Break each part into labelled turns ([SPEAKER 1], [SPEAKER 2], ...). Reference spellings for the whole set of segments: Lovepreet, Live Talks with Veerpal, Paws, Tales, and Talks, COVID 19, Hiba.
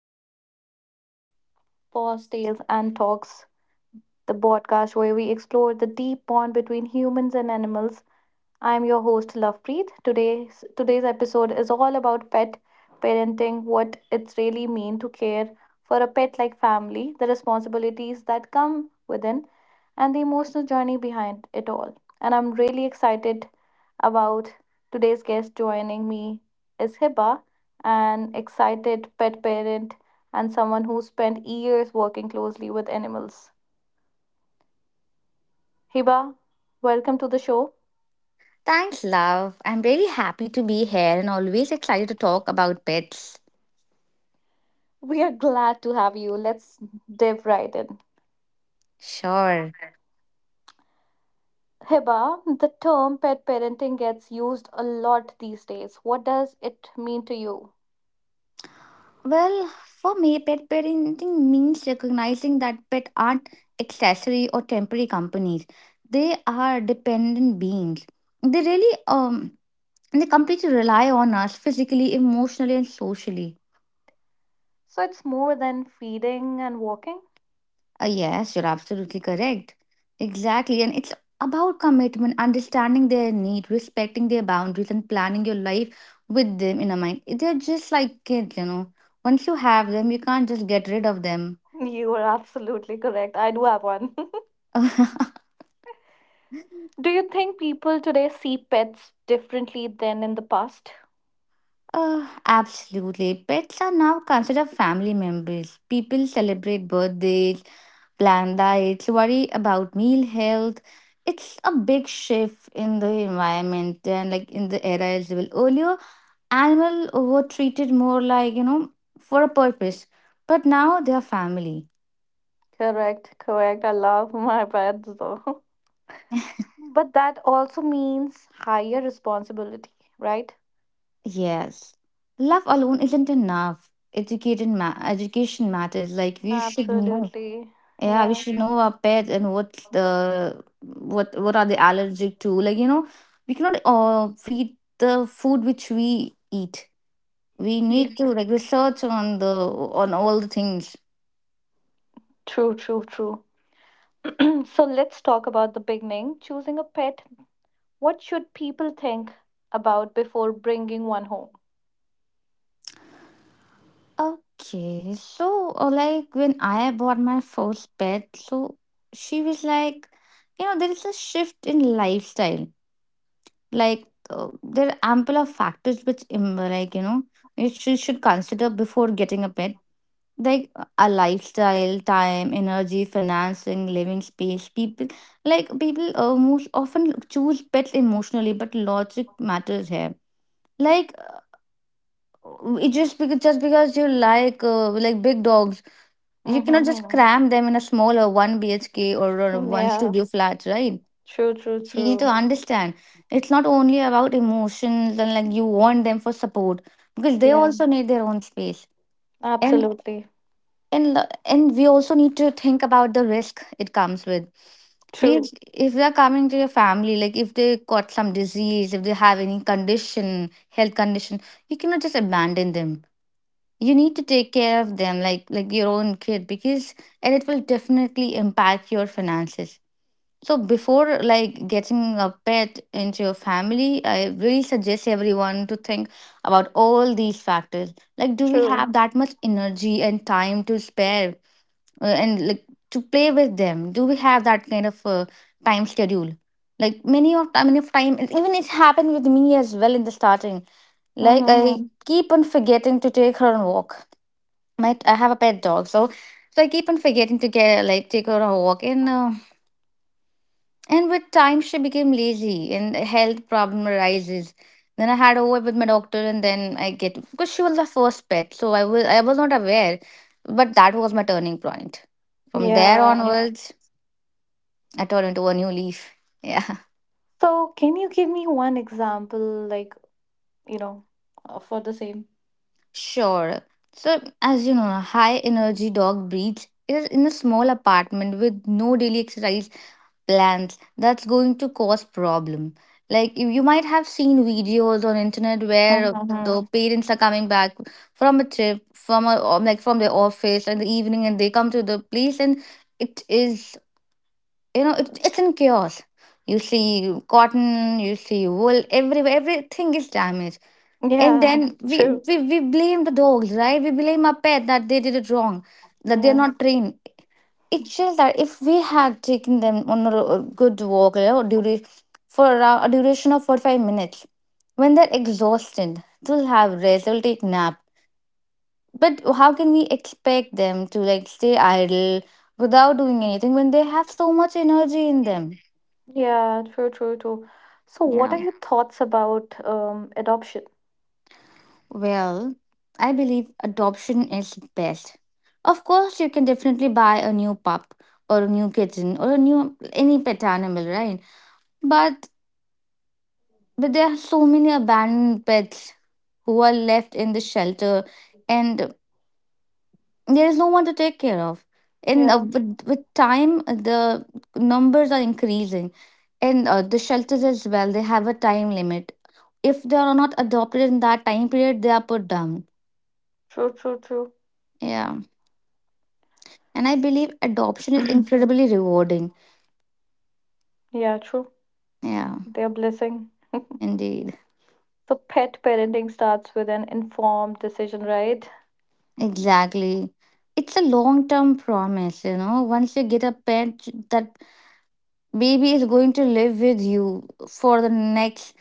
[SPEAKER 1] Welcome back to Paws, Tales, and Talks, the podcast where we explore the deep bond between humans and animals. I'm your host Lovepreet. Today's episode is all about pet parenting, what it's really mean to care for a pet like family, the responsibilities that come within, and the emotional journey behind it all. And I'm really excited about today's guest joining me is Hiba, an excited pet parent and someone who spent years working closely with animals. Hiba, welcome to the show.
[SPEAKER 2] Thanks, love. I'm really happy to be here and always excited to talk about pets.
[SPEAKER 1] We are glad to have you. Let's dive right in.
[SPEAKER 2] Sure.
[SPEAKER 1] Hiba, the term pet parenting gets used a lot these days. What does it mean to you?
[SPEAKER 2] Well, for me, pet parenting means recognizing that pets aren't accessory or temporary companies. They are dependent beings. They really um they completely rely on us physically, emotionally, and socially.
[SPEAKER 1] So it's more than feeding and walking?
[SPEAKER 2] Yes, you're absolutely correct. Exactly. And it's about commitment, understanding their need, respecting their boundaries, and planning your life with them in a mind. They're just like kids, you know. Once you have them, you can't just get rid of them.
[SPEAKER 1] You are absolutely correct. I do have one. Do you think people today see pets differently than in the past?
[SPEAKER 2] Absolutely. Pets are now considered family members. People celebrate birthdays, plan diets, worry about meal health. It's a big shift in the environment and like in the era as well. Earlier, animals were treated more like, you know, for a purpose, but now they are family.
[SPEAKER 1] Correct, correct. I love my pets though. But that also means higher responsibility, right?
[SPEAKER 2] Yes. Love alone isn't enough. Education matters. Like we should know.
[SPEAKER 1] Absolutely.
[SPEAKER 2] Yeah, we
[SPEAKER 1] Yeah.
[SPEAKER 2] should know our pets and what are they allergic to. Like you know, we cannot feed the food which we eat. We
[SPEAKER 1] Yeah.
[SPEAKER 2] need to like research on the on all the things.
[SPEAKER 1] True, true, true. So let's talk about the beginning. Choosing a pet. What should people think about before bringing one home?
[SPEAKER 2] Okay, so like when I bought my first pet, so she was like, you know, there is a shift in lifestyle. Like, there are ample of factors which, like you know, which you should consider before getting a pet, like a lifestyle, time, energy, financing, living space, people. People most often choose pets emotionally, but logic matters here. Like it just because you like big dogs, you cannot just
[SPEAKER 1] Mm-hmm.
[SPEAKER 2] cram them in a smaller 1 bhk or a 1
[SPEAKER 1] Yeah.
[SPEAKER 2] studio flat, right?
[SPEAKER 1] True. True.
[SPEAKER 2] So you need to
[SPEAKER 1] True.
[SPEAKER 2] understand it's not only about emotions and like you want them for support, because they
[SPEAKER 1] Yeah.
[SPEAKER 2] also need their own space. and
[SPEAKER 1] Absolutely.
[SPEAKER 2] and l- and we also need to think about the risk it comes with. Means
[SPEAKER 1] True.
[SPEAKER 2] if they're coming to your family, like if they got some disease, if they have any condition, health condition, you cannot just abandon them. You need to take care of them like your own kid, because and it will definitely impact your finances. So before like getting a pet into your family, I really suggest everyone to think about all these factors, like do we
[SPEAKER 1] True.
[SPEAKER 2] have that much energy and time to spare and like to play with them? Do we have that kind of time schedule? Like many of time and even it happened with me as well in the starting, like I
[SPEAKER 1] Mm-hmm.
[SPEAKER 2] keep on forgetting to take her on walk. My I have a pet dog, so so I keep on forgetting to get like take her on a walk. And with time she became lazy and a health problem arises. Then I had a word with my doctor and then I get, because she was the first pet, so I was not aware. But that was my turning point. From there
[SPEAKER 1] Yeah.
[SPEAKER 2] onwards I turn into a new leaf. Yeah,
[SPEAKER 1] So can you give me one example, like you know, for the same?
[SPEAKER 2] sure. So, as you know, a high energy dog breeds is in a small apartment with no daily exercise plans. That's going to cause problem. Like you might have seen videos on internet where
[SPEAKER 1] Mm-hmm.
[SPEAKER 2] the parents are coming back from a trip, from a like from their office in the evening, and they come to the place and it is, you know, it's in chaos. You see cotton, you see wool everywhere. Everything is damaged, and
[SPEAKER 1] Yeah.
[SPEAKER 2] then we,
[SPEAKER 1] True.
[SPEAKER 2] we we blame the dogs, right? We blame our pet that they did it wrong, that they're
[SPEAKER 1] Yeah.
[SPEAKER 2] not trained. It's just that if we had taken them on a good walk, you know, for around a duration of 45 minutes, when they're exhausted they'll have rest, they'll take nap. But how can we expect them to like stay idle without doing anything when they have so much energy in them?
[SPEAKER 1] Yeah. True. True. True. So what
[SPEAKER 2] Yeah.
[SPEAKER 1] are your thoughts about adoption?
[SPEAKER 2] Well, I believe adoption is best. Of course, you can definitely buy a new pup or a new kitten or a new any pet animal, right? But but there are so many abandoned pets who are left in the shelter, and there is no one to take care of. And uh,
[SPEAKER 1] Yeah.
[SPEAKER 2] with, with time, the numbers are increasing, and the shelters as well. They have a time limit. If they are not adopted in that time period, they are put down.
[SPEAKER 1] True. True. True.
[SPEAKER 2] Yeah. And I believe adoption is incredibly rewarding.
[SPEAKER 1] Yeah, true.
[SPEAKER 2] Yeah,
[SPEAKER 1] They're blessing.
[SPEAKER 2] indeed.
[SPEAKER 1] So pet parenting starts with an informed decision, right?
[SPEAKER 2] Exactly. It's a long term promise, you know. Once you get a pet, that baby is going to live with you for the next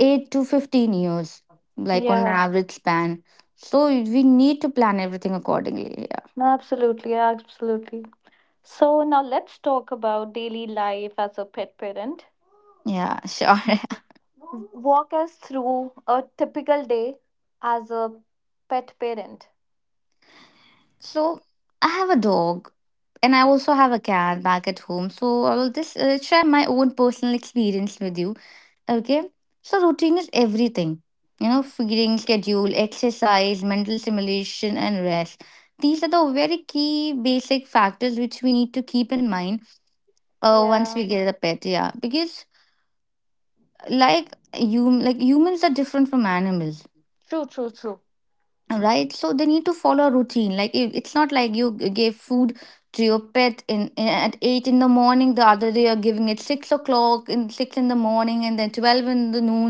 [SPEAKER 2] 8 to 15 years, like on an
[SPEAKER 1] Yeah,
[SPEAKER 2] average span. So we need to plan everything accordingly. Yeah,
[SPEAKER 1] no, absolutely, absolutely. So now let's talk about daily life as a pet parent.
[SPEAKER 2] yeah sure.
[SPEAKER 1] Walk us through a typical day as a pet parent.
[SPEAKER 2] so I have a dog and I also have a cat back at home. So I will just share my own personal experience with you. Okay. So routine is everything. You know, feeding, schedule, exercise, mental stimulation, and rest. These are the very key basic factors which we need to keep in mind once
[SPEAKER 1] Yeah,
[SPEAKER 2] we get a pet. Yeah. Because like you like humans are different from animals.
[SPEAKER 1] true, true, true.
[SPEAKER 2] Right, so they need to follow a routine, like it's not like you gave food to your pet at 8 in the morning, the other day you're giving it 6 o'clock, in 6 in the morning, and then 12 in the noon.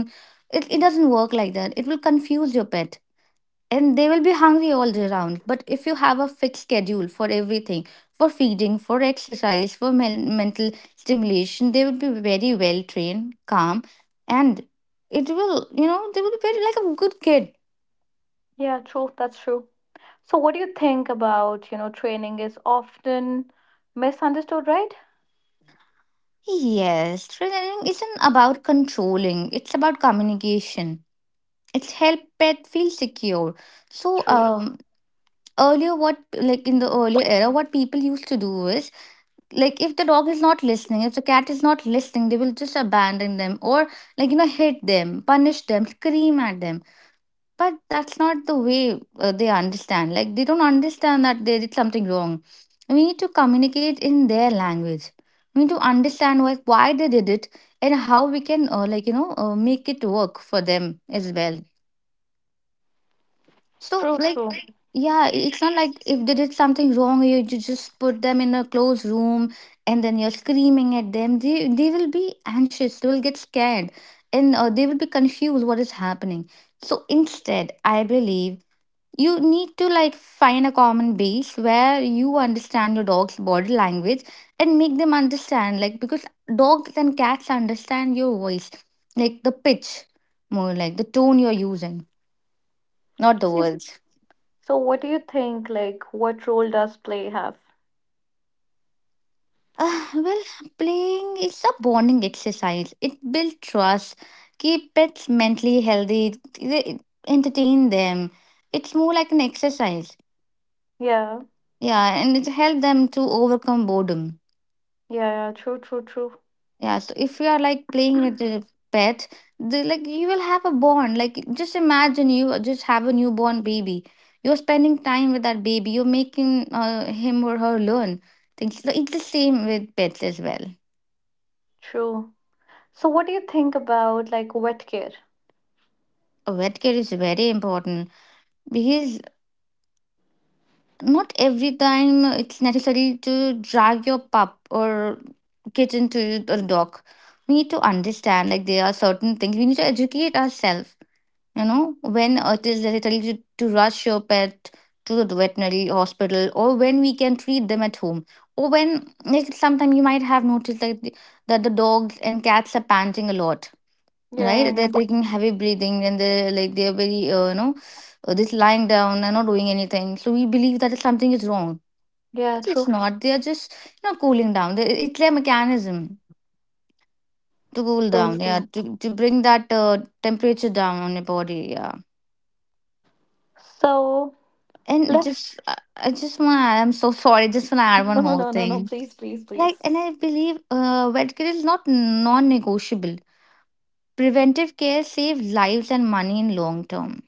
[SPEAKER 2] It doesn't work like that. It will confuse your pet, and they will be hungry all day round. But if you have a fixed schedule for everything, for feeding, for exercise, for mental stimulation, they will be very well trained, calm, and it will, you know, they will be very like a good kid.
[SPEAKER 1] Yeah, true, that's true. So what do you think about, you know, training is often misunderstood, right?
[SPEAKER 2] Yes, tailoring isn't about controlling, it's about communication. It's help pet feel secure. So
[SPEAKER 1] True.
[SPEAKER 2] earlier what like in the earlier era, what people used to do is, like if the dog is not listening, if the cat is not listening, they will just abandon them or like you know hit them, punish them, scream at them. But that's not the way they understand. Like they don't understand that they did something wrong. We need to communicate in their language. We need to understand like why they did it, and how we can, make it work for them as well. So
[SPEAKER 1] True,
[SPEAKER 2] like
[SPEAKER 1] true.
[SPEAKER 2] yeah, it's not like if they did something wrong, you just put them in a closed room, and then you're screaming at them, they will be anxious, they will get scared, and they will be confused what is happening. So instead I believe you need to like find a common base where you understand your dog's body language, and make them understand, like because dogs and cats understand your voice, like the pitch, more like the tone you're using, not the words.
[SPEAKER 1] So what do you think? Like, what role does play have?
[SPEAKER 2] Well, playing is a bonding exercise. It builds trust, keep pets mentally healthy, it- entertain them. It's more like an exercise,
[SPEAKER 1] Yeah,
[SPEAKER 2] yeah, and it helps them to overcome boredom.
[SPEAKER 1] yeah, yeah. True, true, true.
[SPEAKER 2] Yeah, so if you are like playing with the pet, they like you will have a bond. Like just imagine you just have a newborn baby. You're spending time with that baby. You're making him or her learn things. So it's the same with pets as well.
[SPEAKER 1] True. So what do you think about like wet care?
[SPEAKER 2] A vet care is very important, because not every time it's necessary to drag your pup or kitten to a dog. We need to understand, like there are certain things we need to educate ourselves. You know, when it is necessary to, rush your pet to the veterinary hospital, or when we can treat them at home, or when like sometimes you might have noticed that the dogs and cats are panting a lot, right?
[SPEAKER 1] Yeah,
[SPEAKER 2] They're taking heavy breathing, and they're like they're very just lying down and not doing anything. So we believe that something is wrong.
[SPEAKER 1] yeah, true.
[SPEAKER 2] It's not. They are just, you know, cooling down. It's their mechanism to cool
[SPEAKER 1] True,
[SPEAKER 2] down. Yeah,
[SPEAKER 1] true.
[SPEAKER 2] to bring that temperature down on your body. Yeah.
[SPEAKER 1] So
[SPEAKER 2] And
[SPEAKER 1] let's
[SPEAKER 2] just, I just want to, I'm so sorry, just want to add
[SPEAKER 1] no,
[SPEAKER 2] one
[SPEAKER 1] no,
[SPEAKER 2] more
[SPEAKER 1] no, no,
[SPEAKER 2] thing.
[SPEAKER 1] please, please,
[SPEAKER 2] Like,
[SPEAKER 1] please.
[SPEAKER 2] and I believe vet care is not non negotiable. Preventive care saves lives and money in long term.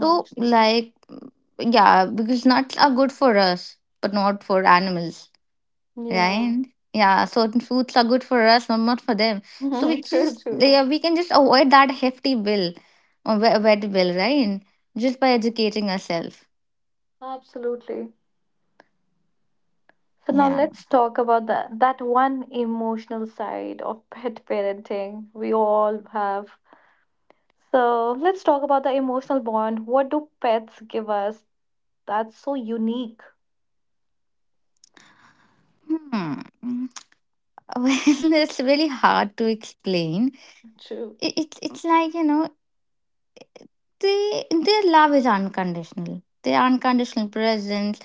[SPEAKER 2] So, like, yeah, because nuts are good for us, but not for animals,
[SPEAKER 1] True. Yeah.
[SPEAKER 2] right? Yeah, certain foods are good for us, but not for them. So, we
[SPEAKER 1] True,
[SPEAKER 2] just,
[SPEAKER 1] true.
[SPEAKER 2] yeah, we can just avoid that hefty bill, or vet bill, right? Just by educating ourselves.
[SPEAKER 1] Absolutely. So now
[SPEAKER 2] Yeah.
[SPEAKER 1] let's talk about that one emotional side of pet parenting we all have. So let's talk about the emotional bond. What do pets give us that's so unique?
[SPEAKER 2] Hmm. Well, it's really hard to explain.
[SPEAKER 1] True.
[SPEAKER 2] It's like you know they their love is unconditional. Their unconditional presence.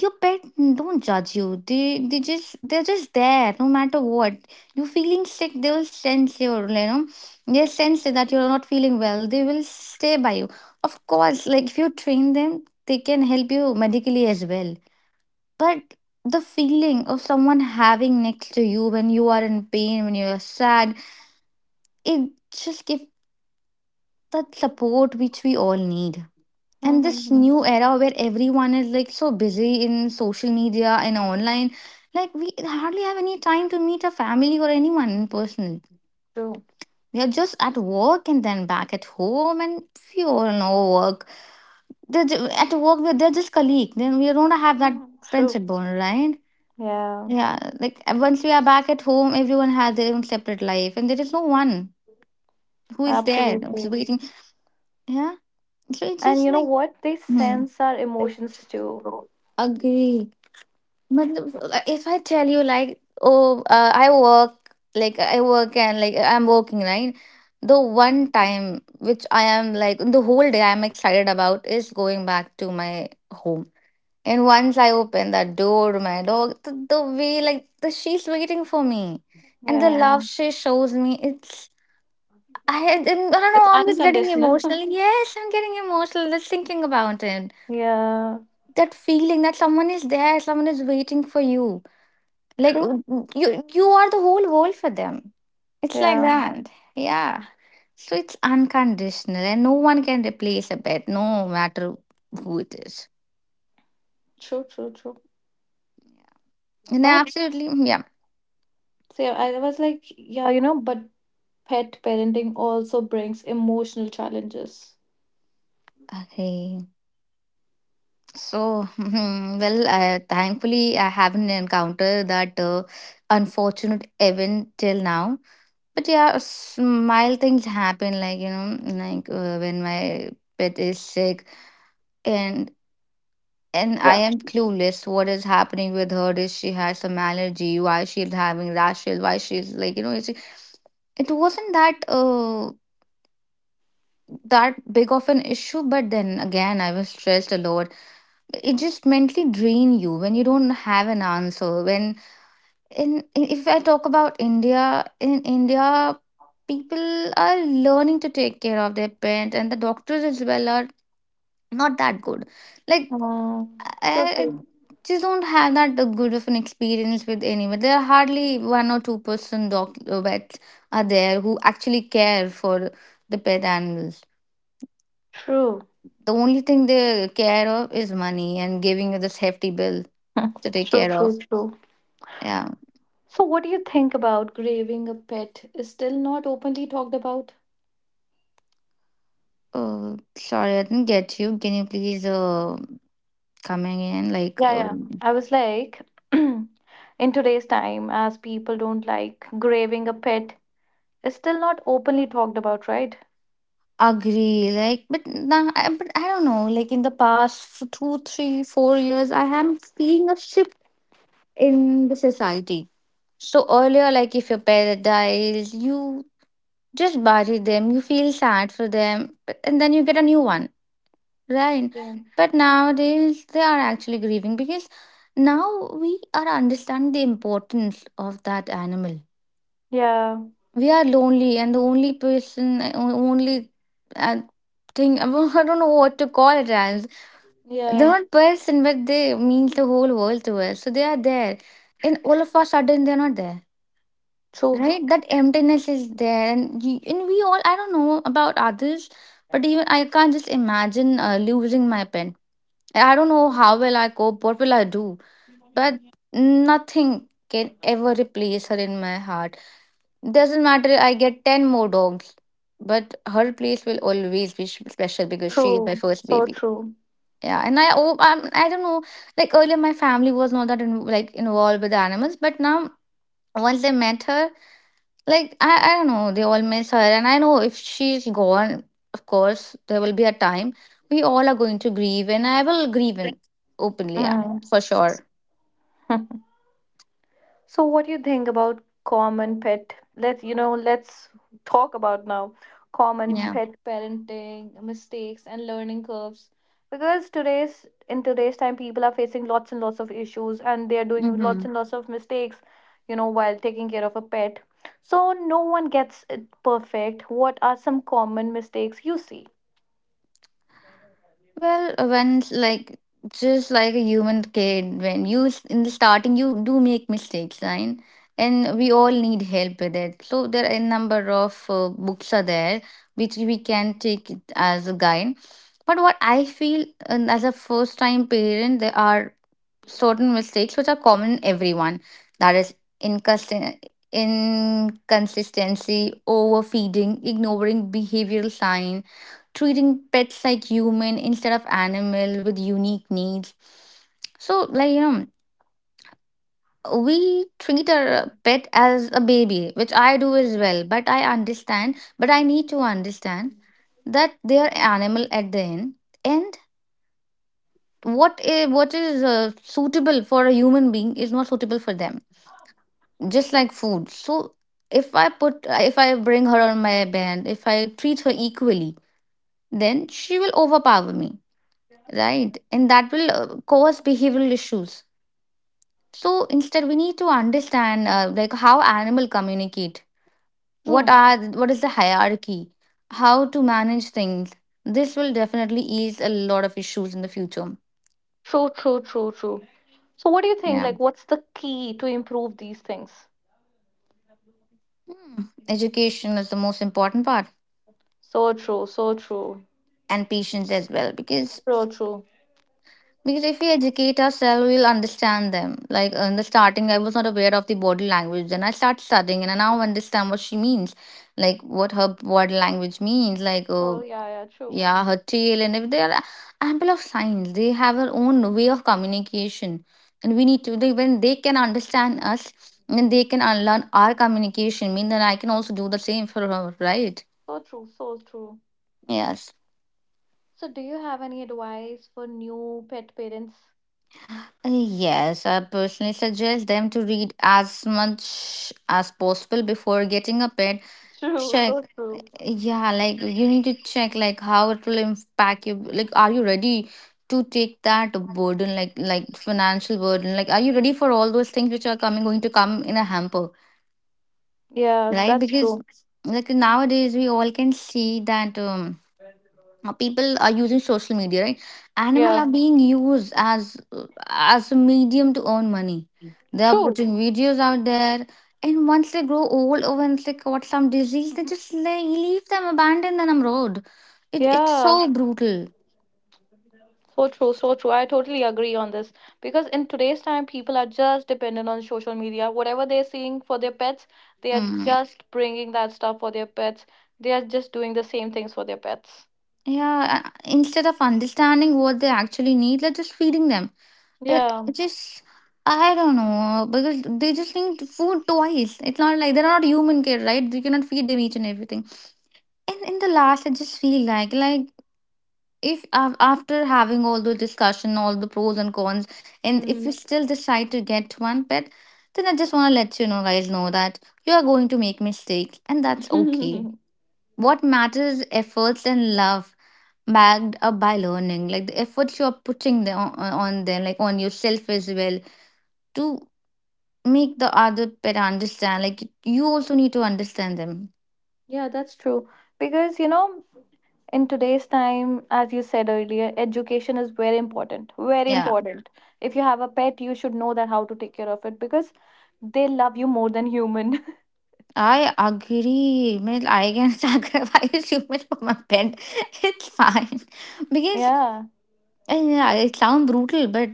[SPEAKER 2] Your pet don't judge you. They're just there no matter what. You feeling sick, they will sense your they sense that you're not feeling well. They will stay by you. Of course, like if you train them, they can help you medically as well. But the feeling of someone having next to you when you are in pain, when you're sad, it just gives that support which we all need. And this
[SPEAKER 1] Mm-hmm.
[SPEAKER 2] new era where everyone is like so busy in social media and online, like we hardly have any time to meet a family or anyone in person.
[SPEAKER 1] True.
[SPEAKER 2] We are just at work and then back at home, and we all know work. At work, they're just colleague. Then we don't have that
[SPEAKER 1] Hmm. True.
[SPEAKER 2] friendship bond, right?
[SPEAKER 1] Yeah,
[SPEAKER 2] Yeah, like once we are back at home, everyone has their own separate life, and there is no one who is there who's
[SPEAKER 1] absolutely.
[SPEAKER 2] waiting. Yeah, so it's
[SPEAKER 1] And
[SPEAKER 2] just
[SPEAKER 1] you know
[SPEAKER 2] like.
[SPEAKER 1] what? They
[SPEAKER 2] Hmm.
[SPEAKER 1] sense our emotions too.
[SPEAKER 2] Agree. Matlab, if I tell you like, oh, I work, like I work and like I'm working, right? The one time which I am like the whole day I'm excited about is going back to my home. And once I open that door, my dog, the way like the she's waiting for me, and the yeah, love
[SPEAKER 1] Yeah.
[SPEAKER 2] she shows me, it's. I don't know.
[SPEAKER 1] It's
[SPEAKER 2] I'm just getting
[SPEAKER 1] unconditional.
[SPEAKER 2] emotional. Yes, I'm getting emotional just thinking about it.
[SPEAKER 1] Yeah.
[SPEAKER 2] That feeling that someone is there, someone is waiting for you. Like
[SPEAKER 1] True.
[SPEAKER 2] you are the whole world for them. It's like
[SPEAKER 1] Yeah.
[SPEAKER 2] that. Yeah. So it's unconditional and no one can replace a pet, no matter who it is.
[SPEAKER 1] True, true, true.
[SPEAKER 2] Yeah. And
[SPEAKER 1] But
[SPEAKER 2] absolutely, yeah.
[SPEAKER 1] see, I was like, yeah, you know, but pet parenting also brings emotional challenges.
[SPEAKER 2] Okay. So, hmm, thankfully, I haven't encountered that unfortunate event till now. But yeah, smile things happen, like, like when my pet is sick and and I
[SPEAKER 1] Yeah.
[SPEAKER 2] am clueless what is happening with her. Is she has some allergy? Why she's having rashes? Why she's like? It's, it wasn't that that big of an issue, but then again I was stressed a lot. It just mentally drain you when you don't have an answer. When In if I talk about India, in India people are learning to take care of their parents and the doctors as well are not that good like.
[SPEAKER 1] True,
[SPEAKER 2] I I
[SPEAKER 1] true.
[SPEAKER 2] just don't have that good of an experience with anyone. There are hardly one or two-person dog vets are there who actually care for the pet animals.
[SPEAKER 1] True.
[SPEAKER 2] The only thing they care of is money and giving you this hefty bill to take
[SPEAKER 1] True,
[SPEAKER 2] care of.
[SPEAKER 1] true, true.
[SPEAKER 2] Yeah.
[SPEAKER 1] So, what do you think about graving a pet is still not openly talked about?
[SPEAKER 2] Sorry, I didn't get you. Can you please come again? Like,
[SPEAKER 1] Yeah, yeah.
[SPEAKER 2] um,
[SPEAKER 1] I was like, in today's time, as people don't like graving a pet, it's still not openly talked about, right?
[SPEAKER 2] agree. Like, but nah, but I don't know. Like in the past two, three, 4 years, I am seeing a shift in the society. So earlier, like if your parent dies, you just bury them, you feel sad for them, but- and then you get a new one, right?
[SPEAKER 1] Yeah.
[SPEAKER 2] But nowadays, they are actually grieving because now we are understanding the importance of that animal.
[SPEAKER 1] Yeah.
[SPEAKER 2] We are lonely, and the only person, only uh, thing, I don't know what to call it as. They're
[SPEAKER 1] Yeah.
[SPEAKER 2] not person, but they means the whole world to us. So they are there, and all of a sudden, they're not there,
[SPEAKER 1] True.
[SPEAKER 2] right? That emptiness is there and, and we all, I don't know about others, but even I can't just imagine losing my pen. I don't know how will I cope, what will I do, but nothing can ever replace her in my heart. Doesn't matter I get 10 more dogs, but her place will always be special because she is my
[SPEAKER 1] True.
[SPEAKER 2] first
[SPEAKER 1] So
[SPEAKER 2] baby.
[SPEAKER 1] true.
[SPEAKER 2] Yeah, and I don't know. Like earlier my family was not that like involved with animals, but now once I met her, like I don't know, they all miss her, and I know if she's gone, of course there will be a time we all are going to grieve, and I will grieve in openly, yeah,
[SPEAKER 1] Mhm.
[SPEAKER 2] for sure,
[SPEAKER 1] So what do you think about common pet? Let's you know, let's talk about now common
[SPEAKER 2] yeah.
[SPEAKER 1] pet parenting mistakes and learning curves. Because today's in today's time people are facing lots and lots of issues and they are doing lots
[SPEAKER 2] Hmm.
[SPEAKER 1] and lots of mistakes, you know, while taking care of a pet. So no one gets it perfect. What are some common mistakes you see?
[SPEAKER 2] Well, when like just like a human kid, when you in the starting you do make mistakes, right? And we all need help with it. So there are a number of books are there which we can take it as a guide. But what I feel, as a first time parent, there are certain mistakes which are common in everyone, that is inconsistent, inconsistency, overfeeding, ignoring behavioral sign, treating pets like human instead of animal with unique needs. So, like you know, we treat our pet as a baby, which I do as well, but I understand, but I need to understand that they are animal at the end. And what is suitable for a human being is not suitable for them, just like food. So if I put, if I bring her on my band, if I treat her equally, then she will overpower me, right? And that will cause behavioral issues. So instead, we need to understand like how animal communicate. What
[SPEAKER 1] True.
[SPEAKER 2] are, what is the hierarchy? How to manage things. This will definitely ease a lot of issues in the future.
[SPEAKER 1] True, true, true, true. So what do you think?
[SPEAKER 2] Yeah.
[SPEAKER 1] Like what's the key to improve these things?
[SPEAKER 2] Hmm. Education is the most important part,
[SPEAKER 1] So true, so true,
[SPEAKER 2] and patience as well. because
[SPEAKER 1] so true.
[SPEAKER 2] Because if we educate ourselves, we'll understand them. Like in the starting, I was not aware of the body language. Then I start studying, and I now understand what she means, like what her body language means, like
[SPEAKER 1] So
[SPEAKER 2] oh
[SPEAKER 1] yeah, yeah, true.
[SPEAKER 2] yeah, her tail, and if there are ample of signs, they have their own way of communication, and we need to. They, when they can understand us, then they can unlearn our communication. Mean that I can also do the same for her, right?
[SPEAKER 1] So true, so true.
[SPEAKER 2] Yes.
[SPEAKER 1] So do you have any advice for new pet parents?
[SPEAKER 2] Yes, I personally suggest them to read as much as possible before getting a pet.
[SPEAKER 1] True,
[SPEAKER 2] Check,
[SPEAKER 1] so true.
[SPEAKER 2] yeah, like you need to check like how it will impact you. Like, are you ready to take that burden, like financial burden? Like, are you ready for all those things which are coming, going to come in a hamper,
[SPEAKER 1] Yeah,
[SPEAKER 2] right?
[SPEAKER 1] that's
[SPEAKER 2] Because
[SPEAKER 1] true.
[SPEAKER 2] like nowadays we all can see that. People are using social media, right? Animal
[SPEAKER 1] Yeah,
[SPEAKER 2] are being used as a medium to earn money, they are
[SPEAKER 1] true.
[SPEAKER 2] putting videos out there, and once they grow old or once they got some disease they just lay, leave them, abandon them on the road. It's
[SPEAKER 1] Yeah,
[SPEAKER 2] so brutal.
[SPEAKER 1] so true, so true. I totally agree on this because in today's time, people are just dependent on social media. Whatever they're seeing for their pets, they are
[SPEAKER 2] Mm.
[SPEAKER 1] just bringing that stuff for their pets. They are just doing the same things for their pets.
[SPEAKER 2] Yeah, instead of understanding what they actually need, they're just feeding them. It
[SPEAKER 1] Yeah.
[SPEAKER 2] just, I don't know, because they just need food twice. It's not like they're not human care, right? You cannot feed them each and everything. In the last I just feel like if after having all the discussion, all the pros and cons, and if you still decide to get one pet, then I just want to let guys know that you are going to make mistakes, and that's okay.
[SPEAKER 1] Mm-hmm.
[SPEAKER 2] What matters is efforts and love, backed up by learning, like the efforts you are putting them on them, like on yourself as well, to make the other pet understand, like you also need to understand them.
[SPEAKER 1] Yeah, that's true. Because, you know, in today's time, as you said earlier, education is very important. Very
[SPEAKER 2] Yeah.
[SPEAKER 1] important. If you have a pet, you should know that how to take care of it because they love you more than human.
[SPEAKER 2] I agree. Well, I can sacrifice human for my pet. It's fine. Because,
[SPEAKER 1] Yeah.
[SPEAKER 2] yeah, it sounds brutal, but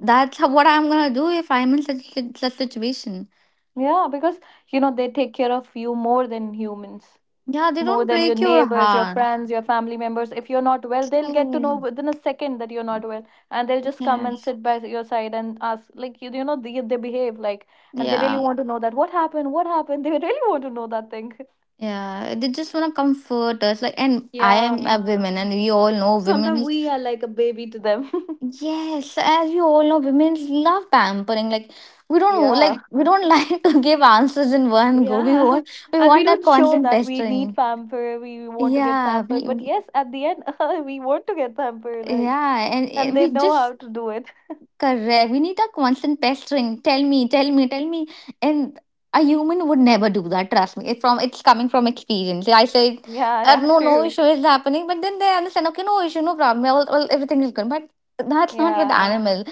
[SPEAKER 2] that's how, what I'm gonna do if I'm in such situation.
[SPEAKER 1] Yeah, because you know they take care of you more than humans.
[SPEAKER 2] Yeah, they
[SPEAKER 1] More
[SPEAKER 2] don't
[SPEAKER 1] than your
[SPEAKER 2] break your
[SPEAKER 1] neighbors, your
[SPEAKER 2] heart.
[SPEAKER 1] friends, your family members. If you're not well, they'll get to know
[SPEAKER 2] True.
[SPEAKER 1] within a second that you're not well, and they'll just come and
[SPEAKER 2] Yes.
[SPEAKER 1] sit by your side and ask, like you know, they behave like, and they really
[SPEAKER 2] Yeah.
[SPEAKER 1] want to know that what happened, what happened. They really want to know that thing.
[SPEAKER 2] Yeah. They just wanna comfort us. Like, and I am a
[SPEAKER 1] Yeah,
[SPEAKER 2] woman, and we all know
[SPEAKER 1] sometimes
[SPEAKER 2] women.
[SPEAKER 1] we are like a baby to them.
[SPEAKER 2] Yes, as you all know, women love pampering. Like we don't
[SPEAKER 1] Yeah.
[SPEAKER 2] like, we don't like to give answers in one go. We
[SPEAKER 1] Yeah,
[SPEAKER 2] want we
[SPEAKER 1] and we
[SPEAKER 2] want that
[SPEAKER 1] don't show
[SPEAKER 2] constant
[SPEAKER 1] that we need
[SPEAKER 2] pestering.
[SPEAKER 1] pamper, we want to get
[SPEAKER 2] Yeah,
[SPEAKER 1] pamper,
[SPEAKER 2] we
[SPEAKER 1] but yes, at the end, we want to get pamper, like,
[SPEAKER 2] yeah, and eh,
[SPEAKER 1] and they
[SPEAKER 2] we
[SPEAKER 1] know
[SPEAKER 2] just
[SPEAKER 1] how to do it.
[SPEAKER 2] correct. We need that constant pestering. Tell me, tell me, tell me. And a human would never do that. Trust me. It's from, it's coming from experience. I say.
[SPEAKER 1] Yeah, yeah,
[SPEAKER 2] No, no
[SPEAKER 1] true.
[SPEAKER 2] issue is happening, but then they understand. Okay, no issue, no problem. All, everything is good, but that's not with
[SPEAKER 1] Yeah,
[SPEAKER 2] animal.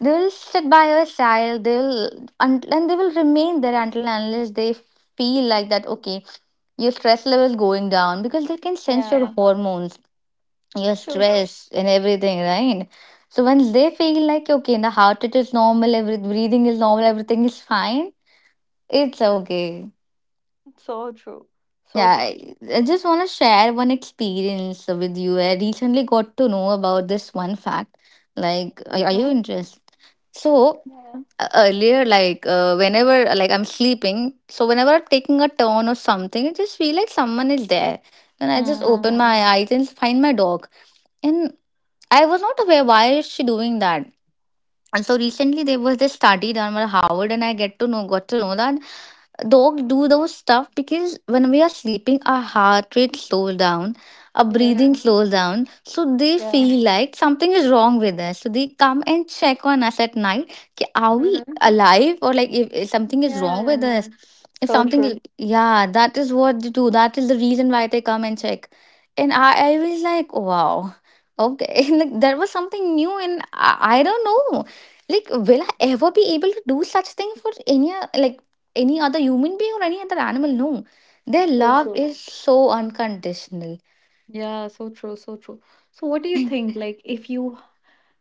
[SPEAKER 2] They'll sit by your side. They'll, and they will remain there until and unless they feel like that. Okay, your stress level is going down because they can sense your
[SPEAKER 1] yeah,
[SPEAKER 2] hormones, your
[SPEAKER 1] true.
[SPEAKER 2] stress, and everything, right? So when they feel like okay, the heart rate is normal, every breathing is normal, everything is fine. It's okay.
[SPEAKER 1] So true. So
[SPEAKER 2] Yeah,
[SPEAKER 1] true.
[SPEAKER 2] I just want to share one experience with you. I recently got to know about this one fact. Like,
[SPEAKER 1] Mm-hmm.
[SPEAKER 2] are you interested? So,
[SPEAKER 1] Yeah.
[SPEAKER 2] earlier like whenever like I'm sleeping, so whenever I'm taking a turn or something, I just feel like someone is there, then I just open
[SPEAKER 1] Mm.
[SPEAKER 2] my eyes and find my dog, and I was not aware why is she doing that. And so recently there was this study done by Harvard, and I get to know got to know that dog do those stuff because when we are sleeping our heart rate slows down, our
[SPEAKER 1] Yeah.
[SPEAKER 2] breathing slows down, so they
[SPEAKER 1] Yeah.
[SPEAKER 2] feel like something is wrong with us, so they come and check on us at night, ki, are we
[SPEAKER 1] Mm-hmm.
[SPEAKER 2] alive, or like if something is
[SPEAKER 1] Yeah,
[SPEAKER 2] wrong
[SPEAKER 1] yeah,
[SPEAKER 2] with us.
[SPEAKER 1] yeah.
[SPEAKER 2] If
[SPEAKER 1] So
[SPEAKER 2] something,
[SPEAKER 1] true.
[SPEAKER 2] yeah, that is what they do, that is the reason why they come and check. And I was like wow, okay, like there was something new, and I don't know, like will I ever be able to do such thing for any like any other human being or any other animal. No, their
[SPEAKER 1] So
[SPEAKER 2] love
[SPEAKER 1] true.
[SPEAKER 2] is so unconditional.
[SPEAKER 1] Yeah, so true, so true. So, what do you think? Like, if you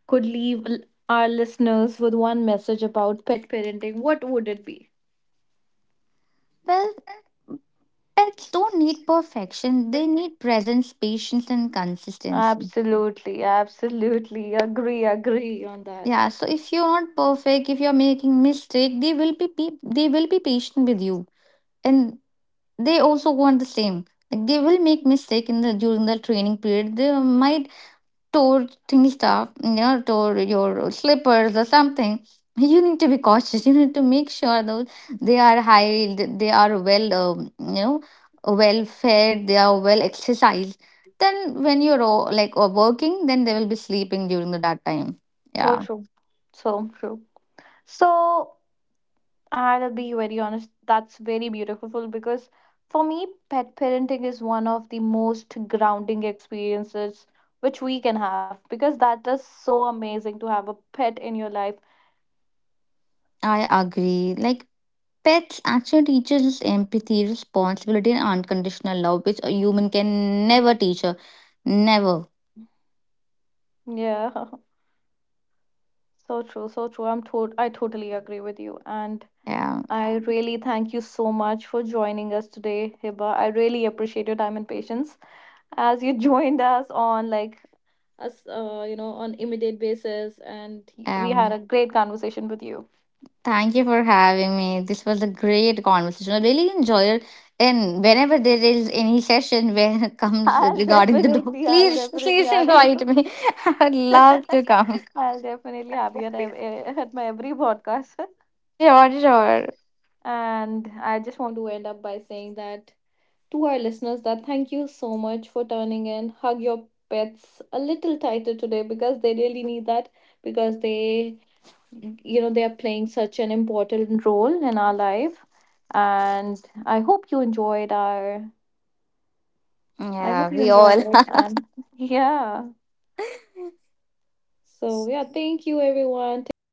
[SPEAKER 1] could leave our listeners with one message about pet parenting, what would it be?
[SPEAKER 2] Well, pets don't need perfection, they need presence, patience, and consistency.
[SPEAKER 1] Absolutely, absolutely. Agree, agree. Agree on that.
[SPEAKER 2] Yeah, so if you're not perfect, if you're making mistake, they will be patient with you, and they also want the same. Like they will make mistake in the during the training period. They might tore things stuff, you know, tore your slippers or something, you need to be cautious. You need to make sure those, they are high, they are well, you know, well fed, they are well exercised. Then when you're like working, then they will be sleeping during the that time.
[SPEAKER 1] So
[SPEAKER 2] Yeah,
[SPEAKER 1] true. So true. So I'll be very honest, that's very beautiful because for me, pet parenting is one of the most grounding experiences which we can have because that is so amazing to have a pet in your life.
[SPEAKER 2] I agree. Like pets actually teaches us empathy, responsibility, and unconditional love, which a human can never teach her. Never.
[SPEAKER 1] Yeah, so true, so true. I totally agree with you. And
[SPEAKER 2] Yeah.
[SPEAKER 1] I really thank you so much for joining us today, Hiba. I really appreciate your time and patience as you joined us on like us, you know, on immediate basis. And we had
[SPEAKER 2] Um.
[SPEAKER 1] a great conversation with you.
[SPEAKER 2] Thank you for having me. This was a great conversation. I really enjoyed it. And whenever there is any session where it comes regarding the dog,
[SPEAKER 1] I'll
[SPEAKER 2] please,
[SPEAKER 1] definitely
[SPEAKER 2] please
[SPEAKER 1] have you.
[SPEAKER 2] invite me. I would love to come.
[SPEAKER 1] I'll definitely have you at, at my every podcast.
[SPEAKER 2] Sure, sure.
[SPEAKER 1] And I just want to end up by saying that to our listeners that thank you so much for turning in. Hug your pets a little tighter today because they really need that because they you know they are playing such an important role in our life. And I hope you enjoyed our I
[SPEAKER 2] Yeah,
[SPEAKER 1] hope you
[SPEAKER 2] we all.
[SPEAKER 1] enjoyed it and yeah. So, yeah, thank you, everyone. Take